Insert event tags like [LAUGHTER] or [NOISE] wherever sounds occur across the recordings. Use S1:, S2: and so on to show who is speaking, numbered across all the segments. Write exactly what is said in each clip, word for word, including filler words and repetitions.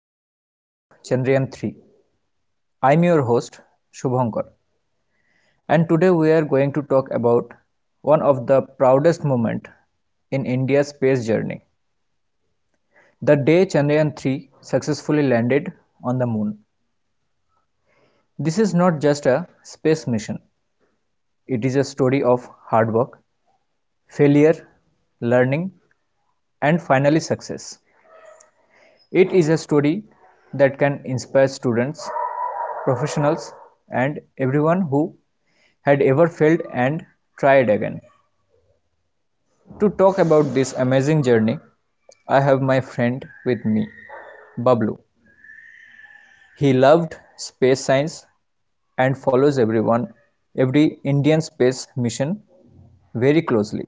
S1: Success Story of Chandrayaan three. I'm your host Shubhankar, and today we are going to talk about one of the proudest moments in India's space journey, the day Chandrayaan three successfully landed on the moon. This is not just a space mission. It is a story of hard work, failure, learning, and finally success. It is a story that can inspire students, professionals, and everyone who had ever failed and tried again. To talk about this amazing journey, I have my friend with me, Bablu. He loved space science and follows everyone, every Indian space mission very closely.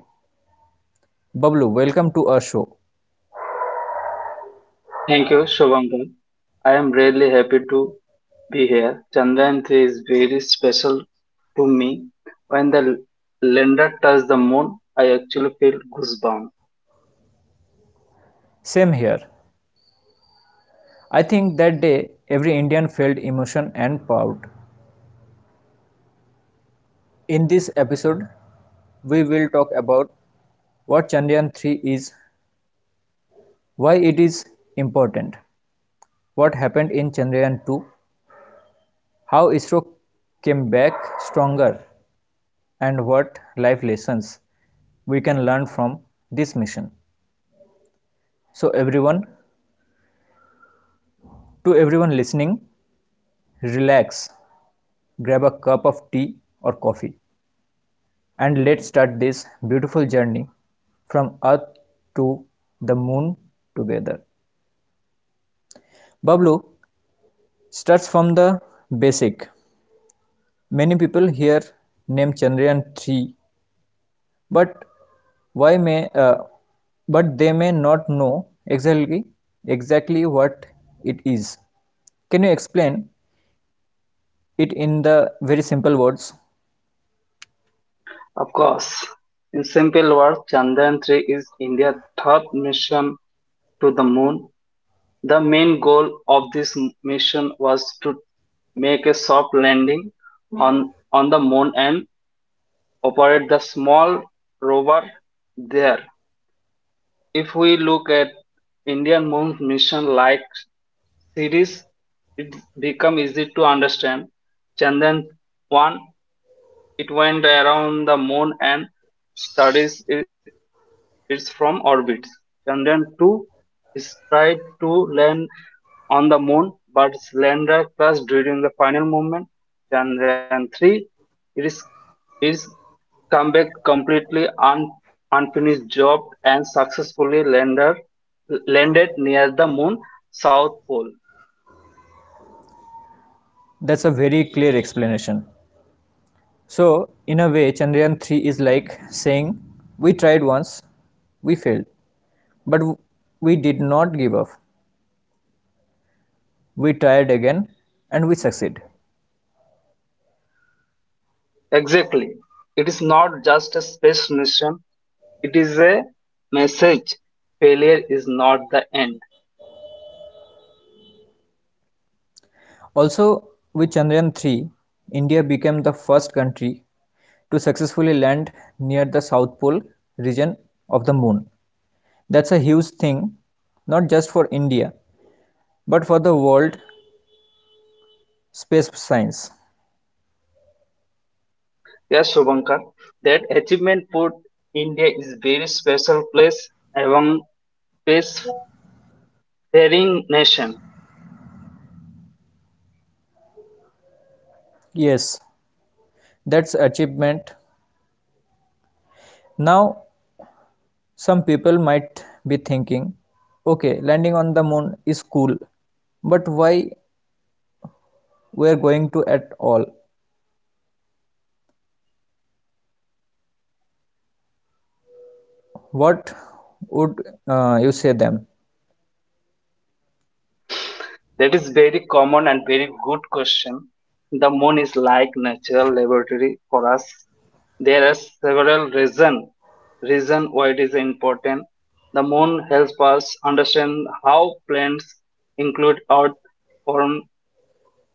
S1: Bablu, welcome to our show.
S2: Thank you, Shubhankar. I am really happy to be here. Chandrayaan three is very special to me. When the lander touched the moon, I actually feel goosebumps.
S1: Same here. I think that day every Indian felt emotion and proud. In this episode, we will talk about what Chandrayaan three is, why it is important, what happened in Chandrayaan two, how ISRO came back stronger, and what life lessons we can learn from this mission. So everyone, to everyone listening, relax, grab a cup of tea or coffee, and let's start this beautiful journey from earth to the moon together. Bablu, starts from the basic. Many people here name Chandrayaan three, but Why may uh, but they may not know exactly exactly what it is. Can you explain it in the very simple words?
S2: Of course, in simple words, Chandrayaan three is India's third mission to the moon. The main goal of this m- mission was to make a soft landing on, on the moon and operate the small rover there. If we look at Indian monk mission like series, it become easy to understand. Chandan one, it went around the moon and studies it, its from orbit. Chandan two is tried to land on the moon, but its lander crashed during the final movement. Chandrayaan three it is is come back completely un- unfinished job and successfully lander, landed near the moon south pole.
S1: That's a very clear explanation. So in a way, Chandrayaan three is like saying we tried once, we failed, but we did not give up. We tried again and we succeed.
S2: Exactly, it is not just a space mission, it is a message. Failure is not the end.
S1: Also, with Chandrayaan three, India became the first country to successfully land near the South Pole region of the moon. That's a huge thing, not just for India, but for the world space science.
S2: Yes, Shubhankar, that achievement put India is very special place among spacefaring nation.
S1: Yes, that's achievement. Now, some people might be thinking, okay, landing on the moon is cool, but why we are going to at all? What would uh, you say them?
S2: That is very common and very good question. The moon is like natural laboratory for us. There are several reason reason why it is important. The moon helps us understand how planets include Earth, form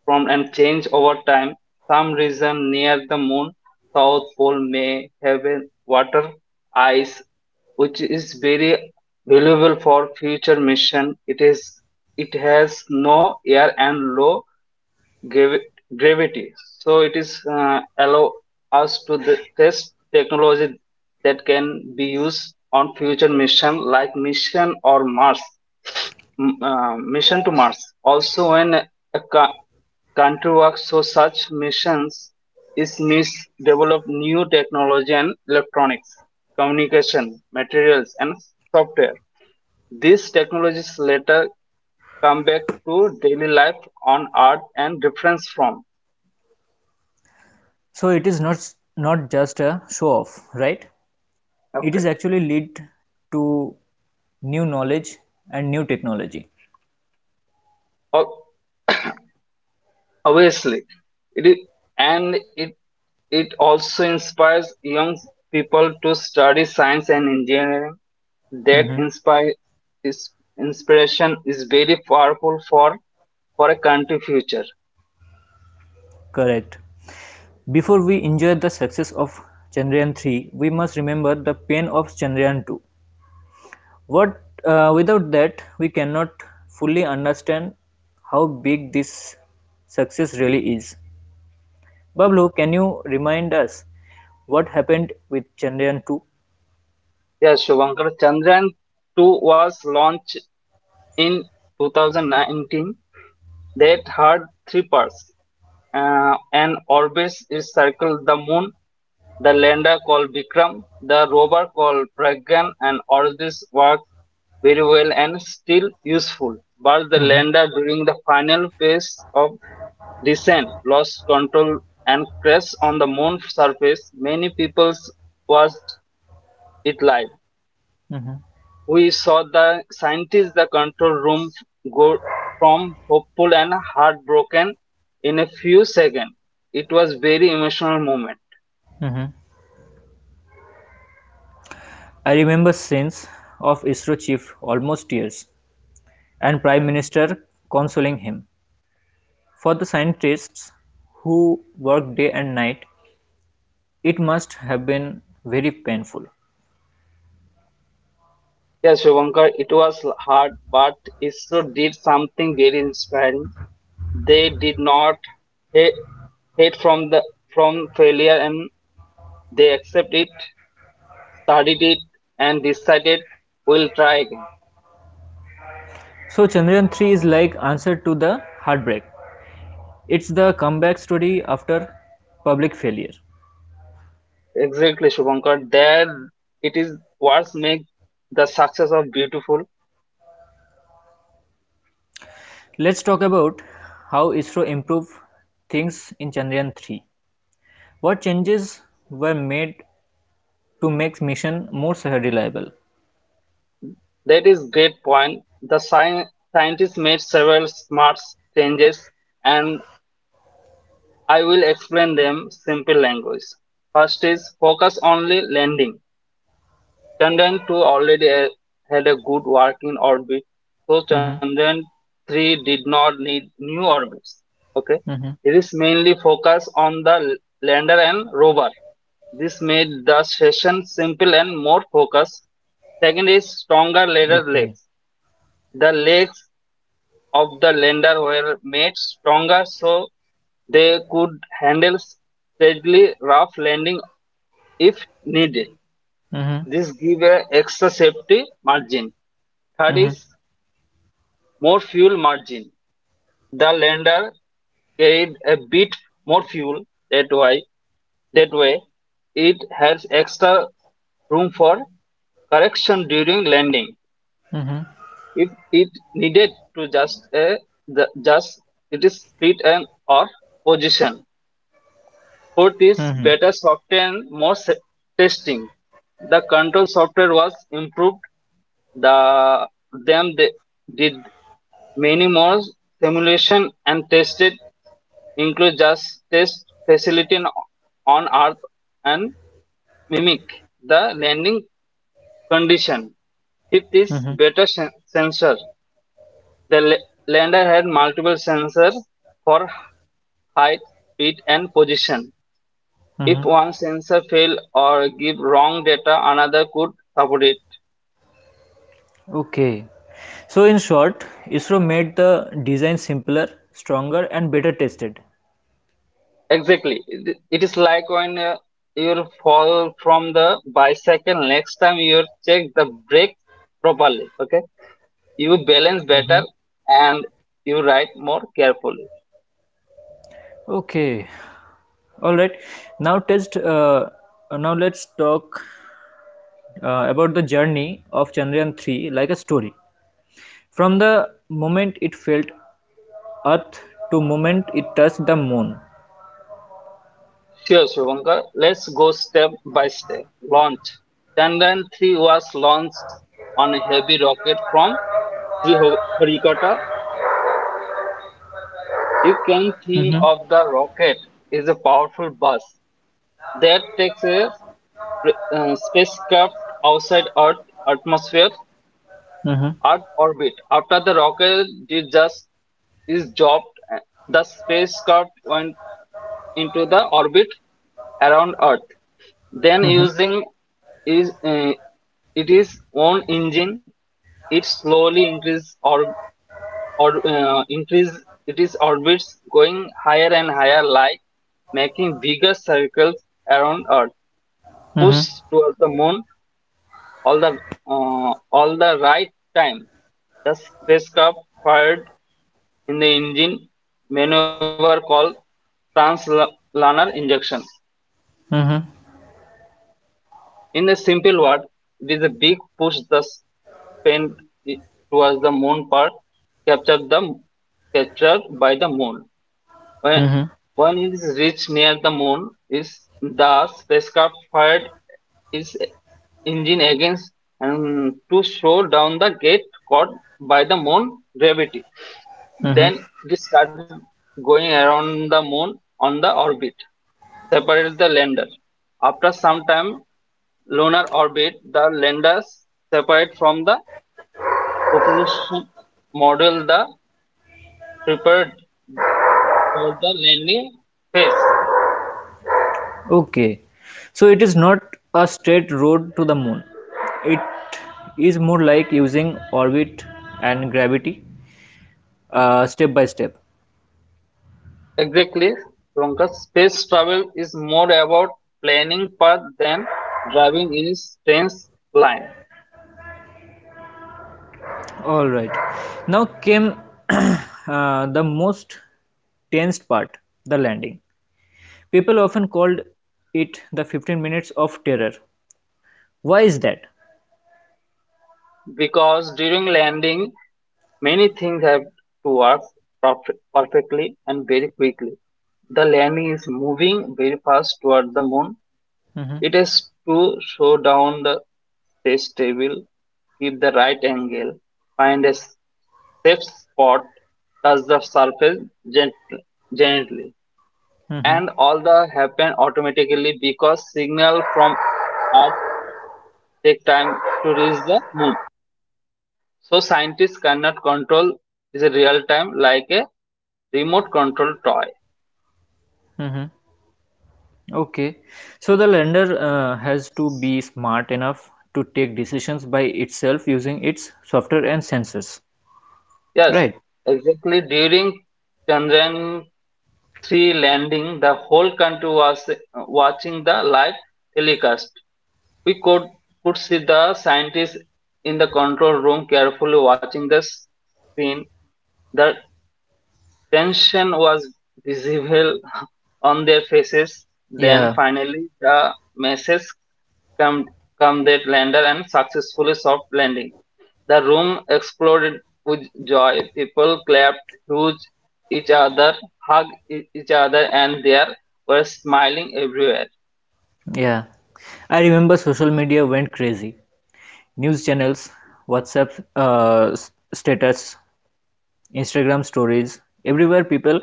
S2: from and change over time. Some region near the moon, South Pole, may have a water ice, which is very valuable for future mission. It is it has no air and low gravi- gravity. So it is uh, allow us to the test technology that can be used on future mission like mission or Mars, m- uh, mission to Mars. Also, when a co- country works so such missions is needs develop new technology and electronics, communication, materials, and software. These technologies later come back to daily life on Earth and reference from.
S1: So it is not not just a show off, right?
S2: Okay.
S1: It is actually lead to new knowledge and new technology.
S2: O- Obviously, it is, and it it also inspires young people to study science and engineering. That
S1: Mhm.
S2: inspire is Inspiration is very powerful for for a country future.
S1: Correct. Before we enjoy the success of Chandrayaan three, we must remember the pain of Chandrayaan two. What uh, Without that we cannot fully understand how big this success really is. Bablu, can you remind us what happened with Chandrayaan two?
S2: Yeah, Shubhankar, Chandrayaan two was launched in two thousand nineteen. That had three parts. Uh, and orbits is circle the moon. The lender called Vikram, the robber called Pragyan and all this worked very well and still useful. But the
S1: Mhm.
S2: lender during the final phase of descent lost control and crashed on the moon surface. Many people watched it live.
S1: Mhm.
S2: We saw the scientists the control room go from hopeful and heartbroken in a few seconds. It was very emotional moment.
S1: Mhm. I remember scenes of ISRO chief almost tears and Prime Minister consoling him. For the scientists who worked day and night, it must have been very painful.
S2: Yes, Shubhankar, it was hard, but ISRO did something very inspiring. They did not hate, hate from the from failure, and they accept it, studied it, and decided we'll try again.
S1: So Chandrayaan three is like answer to the heartbreak. It's the comeback story after public failure.
S2: Exactly, Shubhankar. That it is what makes the success of beautiful.
S1: Let's talk about how ISRO improved things in Chandrayaan three. What changes were made to make mission more reliable?
S2: That is great point. The sci- scientists made several smart changes, and I will explain them simple language. First is focus only lending. Chandrayaan two already had a good working orbit, so
S1: Mhm.
S2: Chandrayaan three did not need new orbits. Okay,
S1: Mhm.
S2: it is mainly focus on the lander and rover. This made the session simple and more focused. Second is stronger lander
S1: Okay.
S2: legs. The legs of the lender were made stronger so they could handle steadily rough landing if needed.
S1: Mhm.
S2: This gives a extra safety margin. Third
S1: Mhm.
S2: is more fuel margin. The lender carried a bit more fuel that way. That way, it has extra room for correction during landing.
S1: Mhm.
S2: If it needed to just a the, just it is split and or position. Fourth is
S1: Mhm.
S2: better software and more testing, the control software was improved. The them they did many more simulation and tested, include just test facility in- on Earth and mimic the landing condition. Fifth is
S1: Mhm.
S2: better sensor. The lander had multiple sensors for height, speed, and position. If
S1: Mhm.
S2: one sensor fail or give wrong data, another could support it.
S1: Okay. So, in short, ISRO made the design simpler, stronger, and better tested.
S2: Exactly. It is like when uh, you fall from the bicycle, next time you check the brake properly. Okay. You balance
S1: Hmm.
S2: better and you ride more carefully.
S1: Okay. All right. Now, test. Uh, now, let's talk uh, about the journey of Chandrayaan three like a story, from the moment it felt Earth to moment it touched the moon.
S2: Sure, Shubhankar. Let's go step by step. Launch. Chandrayaan three was launched on a heavy rocket from Sriharikota. You can think
S1: Mm-hmm.
S2: of the rocket is a powerful bus that takes a sp- uh, spacecraft outside Earth atmosphere,
S1: Mm-hmm.
S2: Earth orbit. After the rocket did just is dropped, uh, the spacecraft went into the orbit around Earth. Then,
S1: Mm-hmm.
S2: using is uh, it is own engine, it slowly increase or or uh, increase it is orbits going higher and higher, like making bigger circles around Earth,
S1: Mm-hmm.
S2: pushed toward the moon all the uh, all the right time. The spacecraft fired in the engine maneuver called translanar injection.
S1: Mm-hmm.
S2: In a simple word, it is a big push the spin towards the moon part captured the captured by the moon. When when it is reached near the moon, is the spacecraft fired its engine against and to slow down the gate caught by the moon gravity.
S1: Mm-hmm.
S2: Then it started going around the moon on the orbit, separates the lander. After some time, lunar orbit, the landers separate from the propulsion module the prepared for the landing phase.
S1: Okay, so it is not a straight road to the moon. It is more like using orbit and gravity, uh, step by step.
S2: Exactly, Ronka, space travel is more about planning path than driving in a straight line.
S1: All right. Now came [CLEARS THROAT] uh, the most tense part, the landing. People often called it the fifteen minutes of terror. Why is that?
S2: Because during landing many things have to work perf- perfectly and very quickly. The landing is moving very fast toward the moon.
S1: Hmm.
S2: It has to slow down the space table, keep the right angle, find a s- safe spot, touch the surface gently, gently.
S1: Hmm.
S2: And all the happen automatically because signal from Earth take time to reach the moon. So scientists cannot control is a real time like a remote control toy.
S1: Hmm. Okay, so the lender uh, has to be smart enough to take decisions by itself using its software and sensors,
S2: Yes,
S1: right?
S2: exactly. During Chandrayaan three landing, the whole country was uh, watching the live telecast. We could could see the scientists in the control room carefully watching the screen. The tension was visible [LAUGHS] on their faces. Then
S1: Yeah,
S2: finally, the message come come that lander and successfully soft landing. The room exploded with joy. People clapped, hugged each other, hugged e- each other, and there were smiling everywhere.
S1: yeah. I remember social media went crazy. News channels, WhatsApp uh, s- status, Instagram stories, everywhere people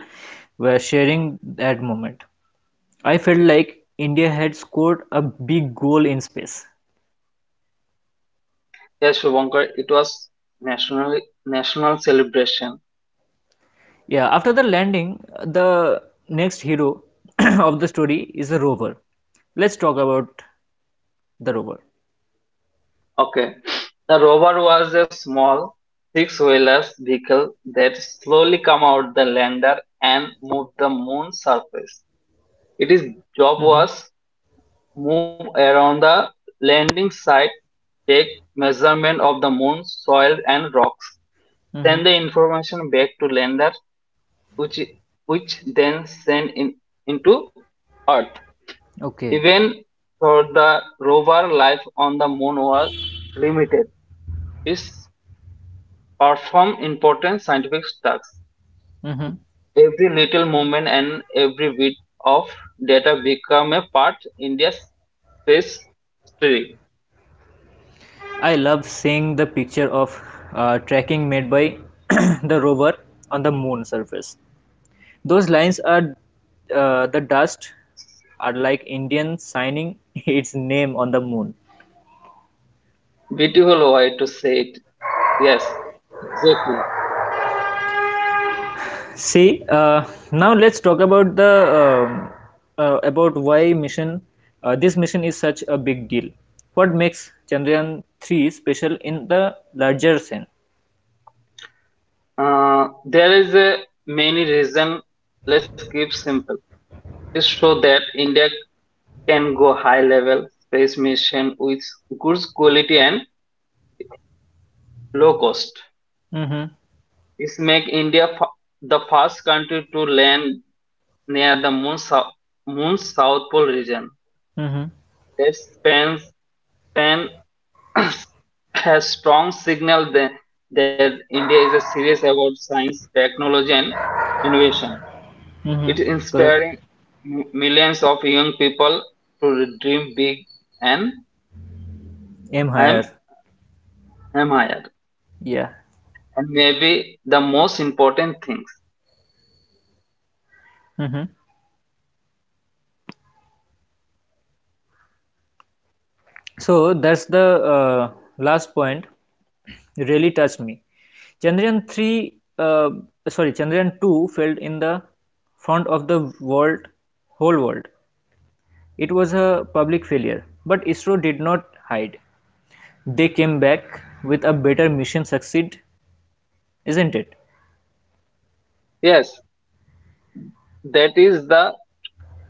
S1: were sharing that moment. I felt like India had scored a big goal in space.
S2: Yes, Shubhankar, it was national national celebration.
S1: Yeah, after the landing, the next hero [CLEARS THROAT] of the story is a rover. Let's talk about the rover.
S2: Okay, the rover was a small six-wheeler vehicle that slowly came out the lander and moved the moon surface. Its job
S1: Mm-hmm.
S2: was move around the landing site, take measurement of the moon, soil, and rocks
S1: Mm-hmm.
S2: send the information back to lender which which then send in into earth.
S1: Okay.
S2: Even for the rover life on the moon was limited. It performed important scientific tasks.
S1: Mm-hmm.
S2: Every little movement and every bit of data become a part in India's space story.
S1: I love seeing the picture of uh, tracking made by [CLEARS THROAT] the rover on the moon surface. Those lines are uh, the dust are like Indian signing [LAUGHS] its name on the moon.
S2: Beautiful way to say it. Yes, exactly.
S1: See, uh, now let's talk about the um uh, about why mission. Uh, this mission is such a big deal. What makes Chandrayaan three special in the larger sense?
S2: uh, there is a many reason. Let's keep simple is show that India can go high level space mission with good quality and low cost.
S1: Mm-hmm.
S2: This make India fa- the first country to land near the moon south, moon's south pole region.
S1: Mm-hmm.
S2: That spans span [COUGHS] has strong signal that, that India is a serious about science, technology, and innovation. It
S1: Mm-hmm. Correct.
S2: inspiring m- millions of young people to dream big and
S1: Aim
S2: I'm,
S1: higher.
S2: am higher.
S1: Yeah.
S2: And maybe the most important things.
S1: Mm-hmm. So that's the uh, last point. Really touched me. Chandrayaan three, uh, sorry, Chandrayaan two failed in the front of the world, whole world. It was a public failure, but ISRO did not hide. They came back with a better mission succeed, isn't it?
S2: Yes, that is the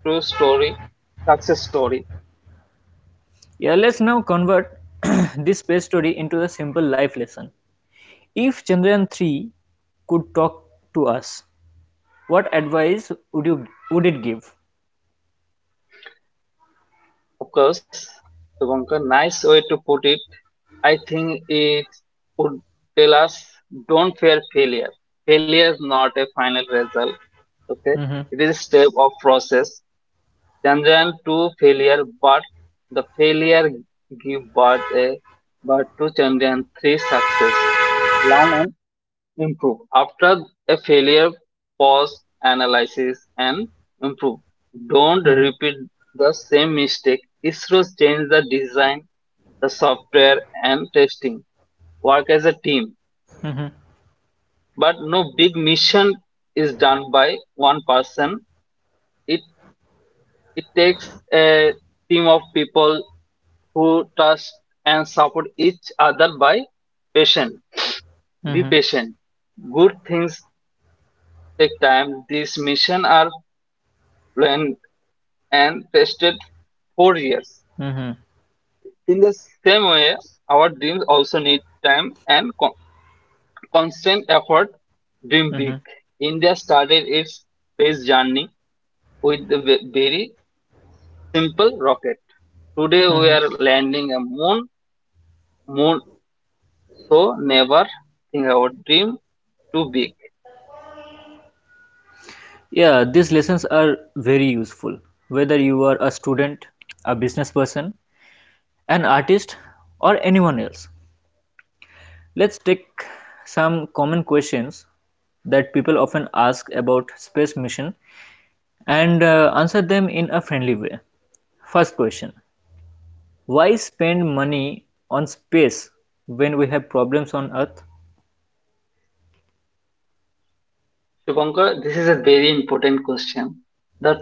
S2: true story, success story.
S1: Yeah, let's now convert [CLEARS THROAT] [COUGHS] this space story into a simple life lesson. If Chandrayaan three could talk to us, what advice would you would it give?
S2: Of course, Shubhankar, nice way to put it. I think it would tell us don't fear failure. Failure is not a final result. Okay,
S1: Mm-hmm.
S2: it is a step of process. Tangent to failure, but the failure give birth a but to Chandrayaan three success. Learn and improve after a failure pause analysis and improve don't
S1: Mm-hmm.
S2: repeat the same mistake. Isros change the design, the software and testing. Work as a team,
S1: Mm-hmm.
S2: but no big mission is done by one person. It it takes a team of people who trust and support each other. By patient, be
S1: Mm-hmm.
S2: patient. Good things take time. These missions are planned and tested for years.
S1: Mm-hmm.
S2: In the same way, our dreams also need time and con- constant effort. Dream big.
S1: Mm-hmm.
S2: India started its space journey with a ve- very simple rocket. Today we
S1: Mm-hmm.
S2: are landing a moon, moon, so never think our dream too big.
S1: Yeah, these lessons are very useful, whether you are a student, a business person, an artist, or anyone else. Let's take some common questions that people often ask about space mission and uh, answer them in a friendly way. First question, why spend money on space when we have problems on Earth?
S2: Shubhankar, this is a very important question. The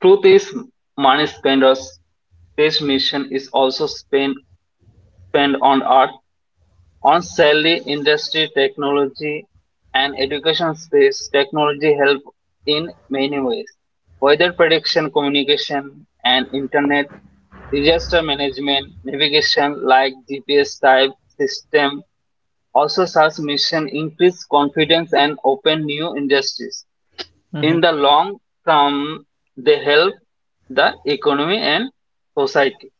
S2: truth is, money spenders' this mission is also spent spent on art, on salary, industry, technology, and education space. Technology help in many ways, weather prediction, communication, and internet, disaster management, navigation like G P S type system. Also, such mission increase confidence and open new industries.
S1: Mhm.
S2: In the long term, they help the economy and society.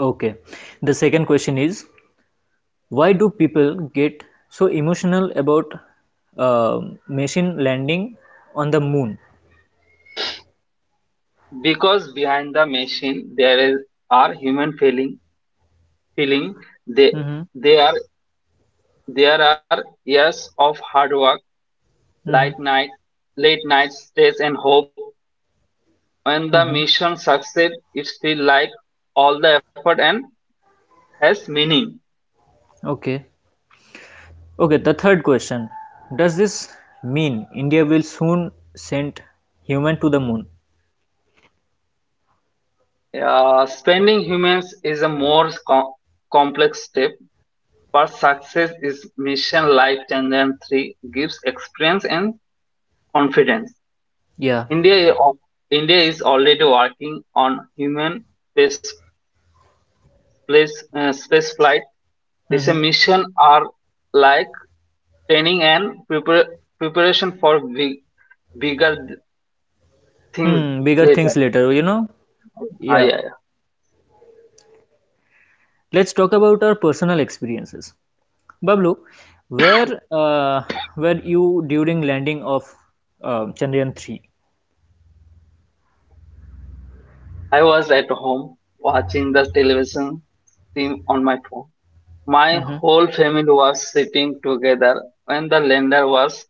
S1: Okay. The second question is, why do people get so emotional about uh, machine landing on the moon?
S2: Because behind the machine there is are human feeling feeling. They
S1: Mm-hmm.
S2: they are There are years of hard work, light
S1: Mm-hmm.
S2: night late nights, stress and hope. When the
S1: Mm-hmm.
S2: mission succeed it feels like all the effort and has meaning.
S1: Okay. Okay, the third question. Does this mean India will soon send human to the moon?
S2: Uh, spending humans is a more com- complex step. But success is mission life and then three gives experience and confidence.
S1: Yeah.
S2: India, of- India is already working on human space, place, uh, space flight. These
S1: Mm-hmm.
S2: missions are like training and prepar- preparation for big, bigger things
S1: Hmm, bigger things
S2: later.
S1: later, you know?
S2: Ah,
S1: Yeah.
S2: yeah, yeah.
S1: Let's talk about our personal experiences. Bablu, where uh, were you during landing of uh, Chandrayaan three?
S2: I was at home watching the television stream on my phone. My
S1: Mm-hmm.
S2: whole family was sitting together when the lander was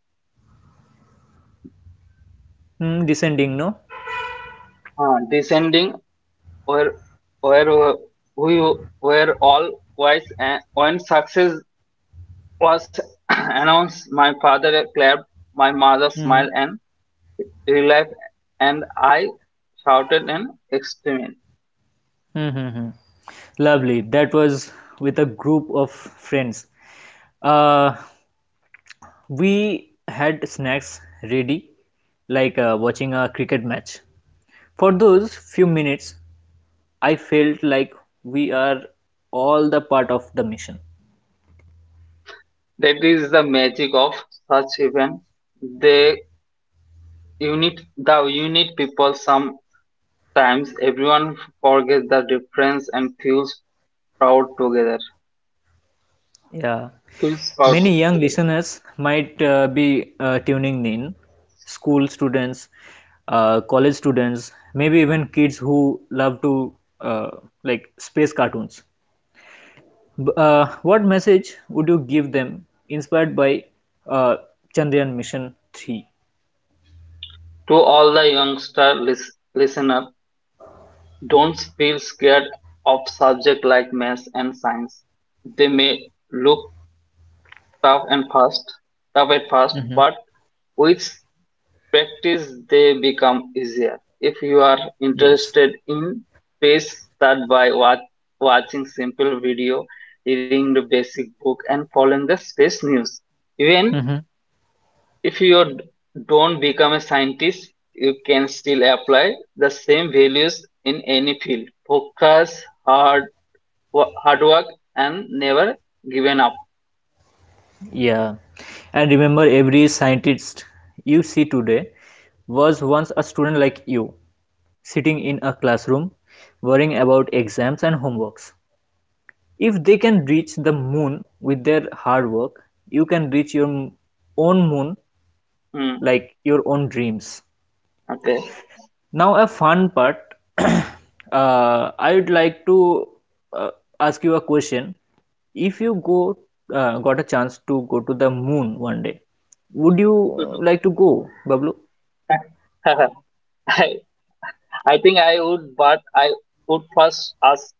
S1: Hmm, descending, no?
S2: uh, descending. Where where we were all quiet, and when success was [CLEARS THROAT] announced my father clapped, my mother
S1: Mm-hmm.
S2: smiled and relief, and I shouted in excitement.
S1: Mm-hmm. Lovely. That was with a group of friends. Uh, we had snacks ready, like uh, watching a cricket match. For those few minutes, I felt like we are all the part of the mission.
S2: That is the magic of such event. the unit the unit people, sometimes everyone forgets the difference and feels proud together
S1: Yeah.
S2: feels proud
S1: Many
S2: together.
S1: young listeners might uh, be uh, tuning in, school students, uh, college students, maybe even kids who love to uh, like space cartoons. B- Uh, what message would you give them inspired by uh, Chandrayaan Mission three?
S2: To all the youngster lis- listener, don't feel scared of subjects like maths and science. They may look tough and fast, tough at first, but with practice they become easier. If you are
S1: Yes.
S2: interested in space, start by wa- watching simple video, reading the basic book, and following the space news. Even
S1: Hmm.
S2: if you d- don't become a scientist, you can still apply the same values in any field. Focus hard hard work and never given up.
S1: Yeah. And remember, every scientist you see today was once a student like you, sitting in a classroom, worrying about exams and homeworks. If they can reach the moon with their hard work, you can reach your m- own moon
S2: Hmm.
S1: like your own dreams.
S2: Okay.
S1: Now, a fun part. [CLEARS THROAT] uh, I would like to uh, ask you a question. If you go uh, got a chance to go to the moon one day, would you
S2: [LAUGHS]
S1: like to go, Bablu?
S2: I, I think I would, but I would first ask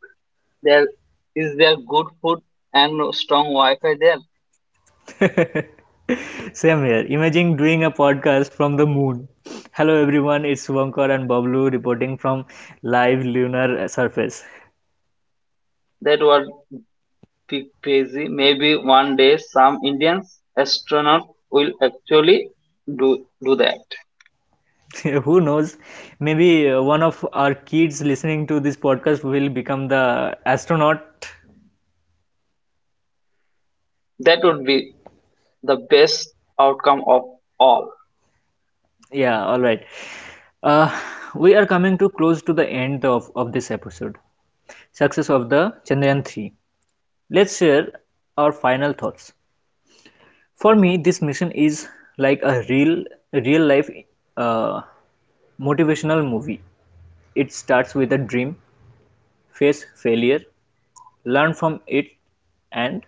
S2: there is there good food and strong Wi-Fi there?
S1: Same here. Imagine doing a podcast from the moon. Hello everyone, it's Vankar and Bablu reporting from live lunar surface.
S2: That would be crazy. Maybe one day some Indian astronaut will actually do do that.
S1: [LAUGHS] Who knows? Maybe uh, one of our kids listening to this podcast will become the astronaut.
S2: That would be the best outcome of all.
S1: Yeah, all right. Uh, we are coming too close to the end of, of this episode. Success of the Chandrayaan three. Let's share our final thoughts. For me, this mission is like a real real life uh, motivational movie. It starts with a dream, face failure, learn from it, and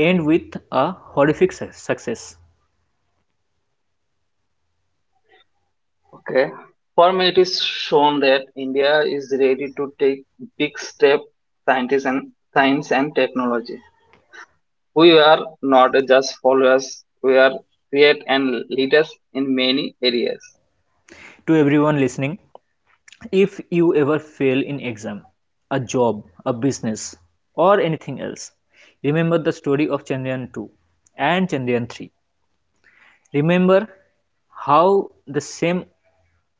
S1: end with a horrific success.
S2: Okay. For me, it is shown that India is ready to take big step scientists and science and technology. We are not just followers, we are create and leaders in many areas.
S1: To everyone listening, if you ever fail in exam, a job, a business, or anything else, remember the story of Chandrayaan two and Chandrayaan three. Remember how the same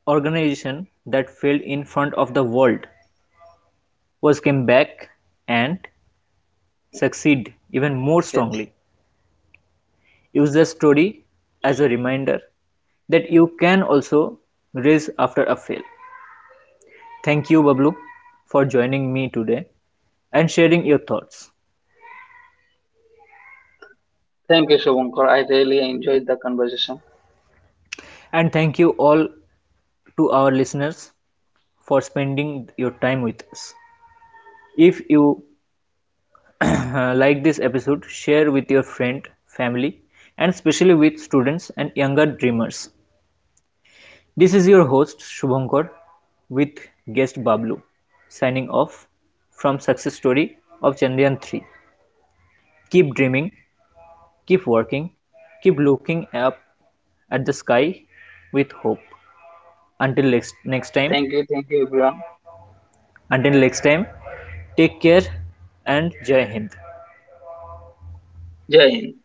S1: organization that failed in front of the world was came back and succeed
S2: Yes.
S1: even more strongly. Use the story as a reminder that you can also rise after a fail. Thank you, Bablu, for joining me today and sharing your thoughts.
S2: Thank you, Shubhankar. I really enjoyed the conversation.
S1: And thank you all to our listeners for spending your time with us. If you [CLEARS THROAT] like this episode, share with your friend, family, and especially with students and younger dreamers. This is your host Shubhankar with guest Bablu, signing off from Success Story of Chandrayaan three. Keep dreaming, keep working, keep looking up at the sky with hope. Until next, next
S2: Thank
S1: time,
S2: you, thank you everyone.
S1: Until next time, take care and Jai Hind.
S2: Jai Hind.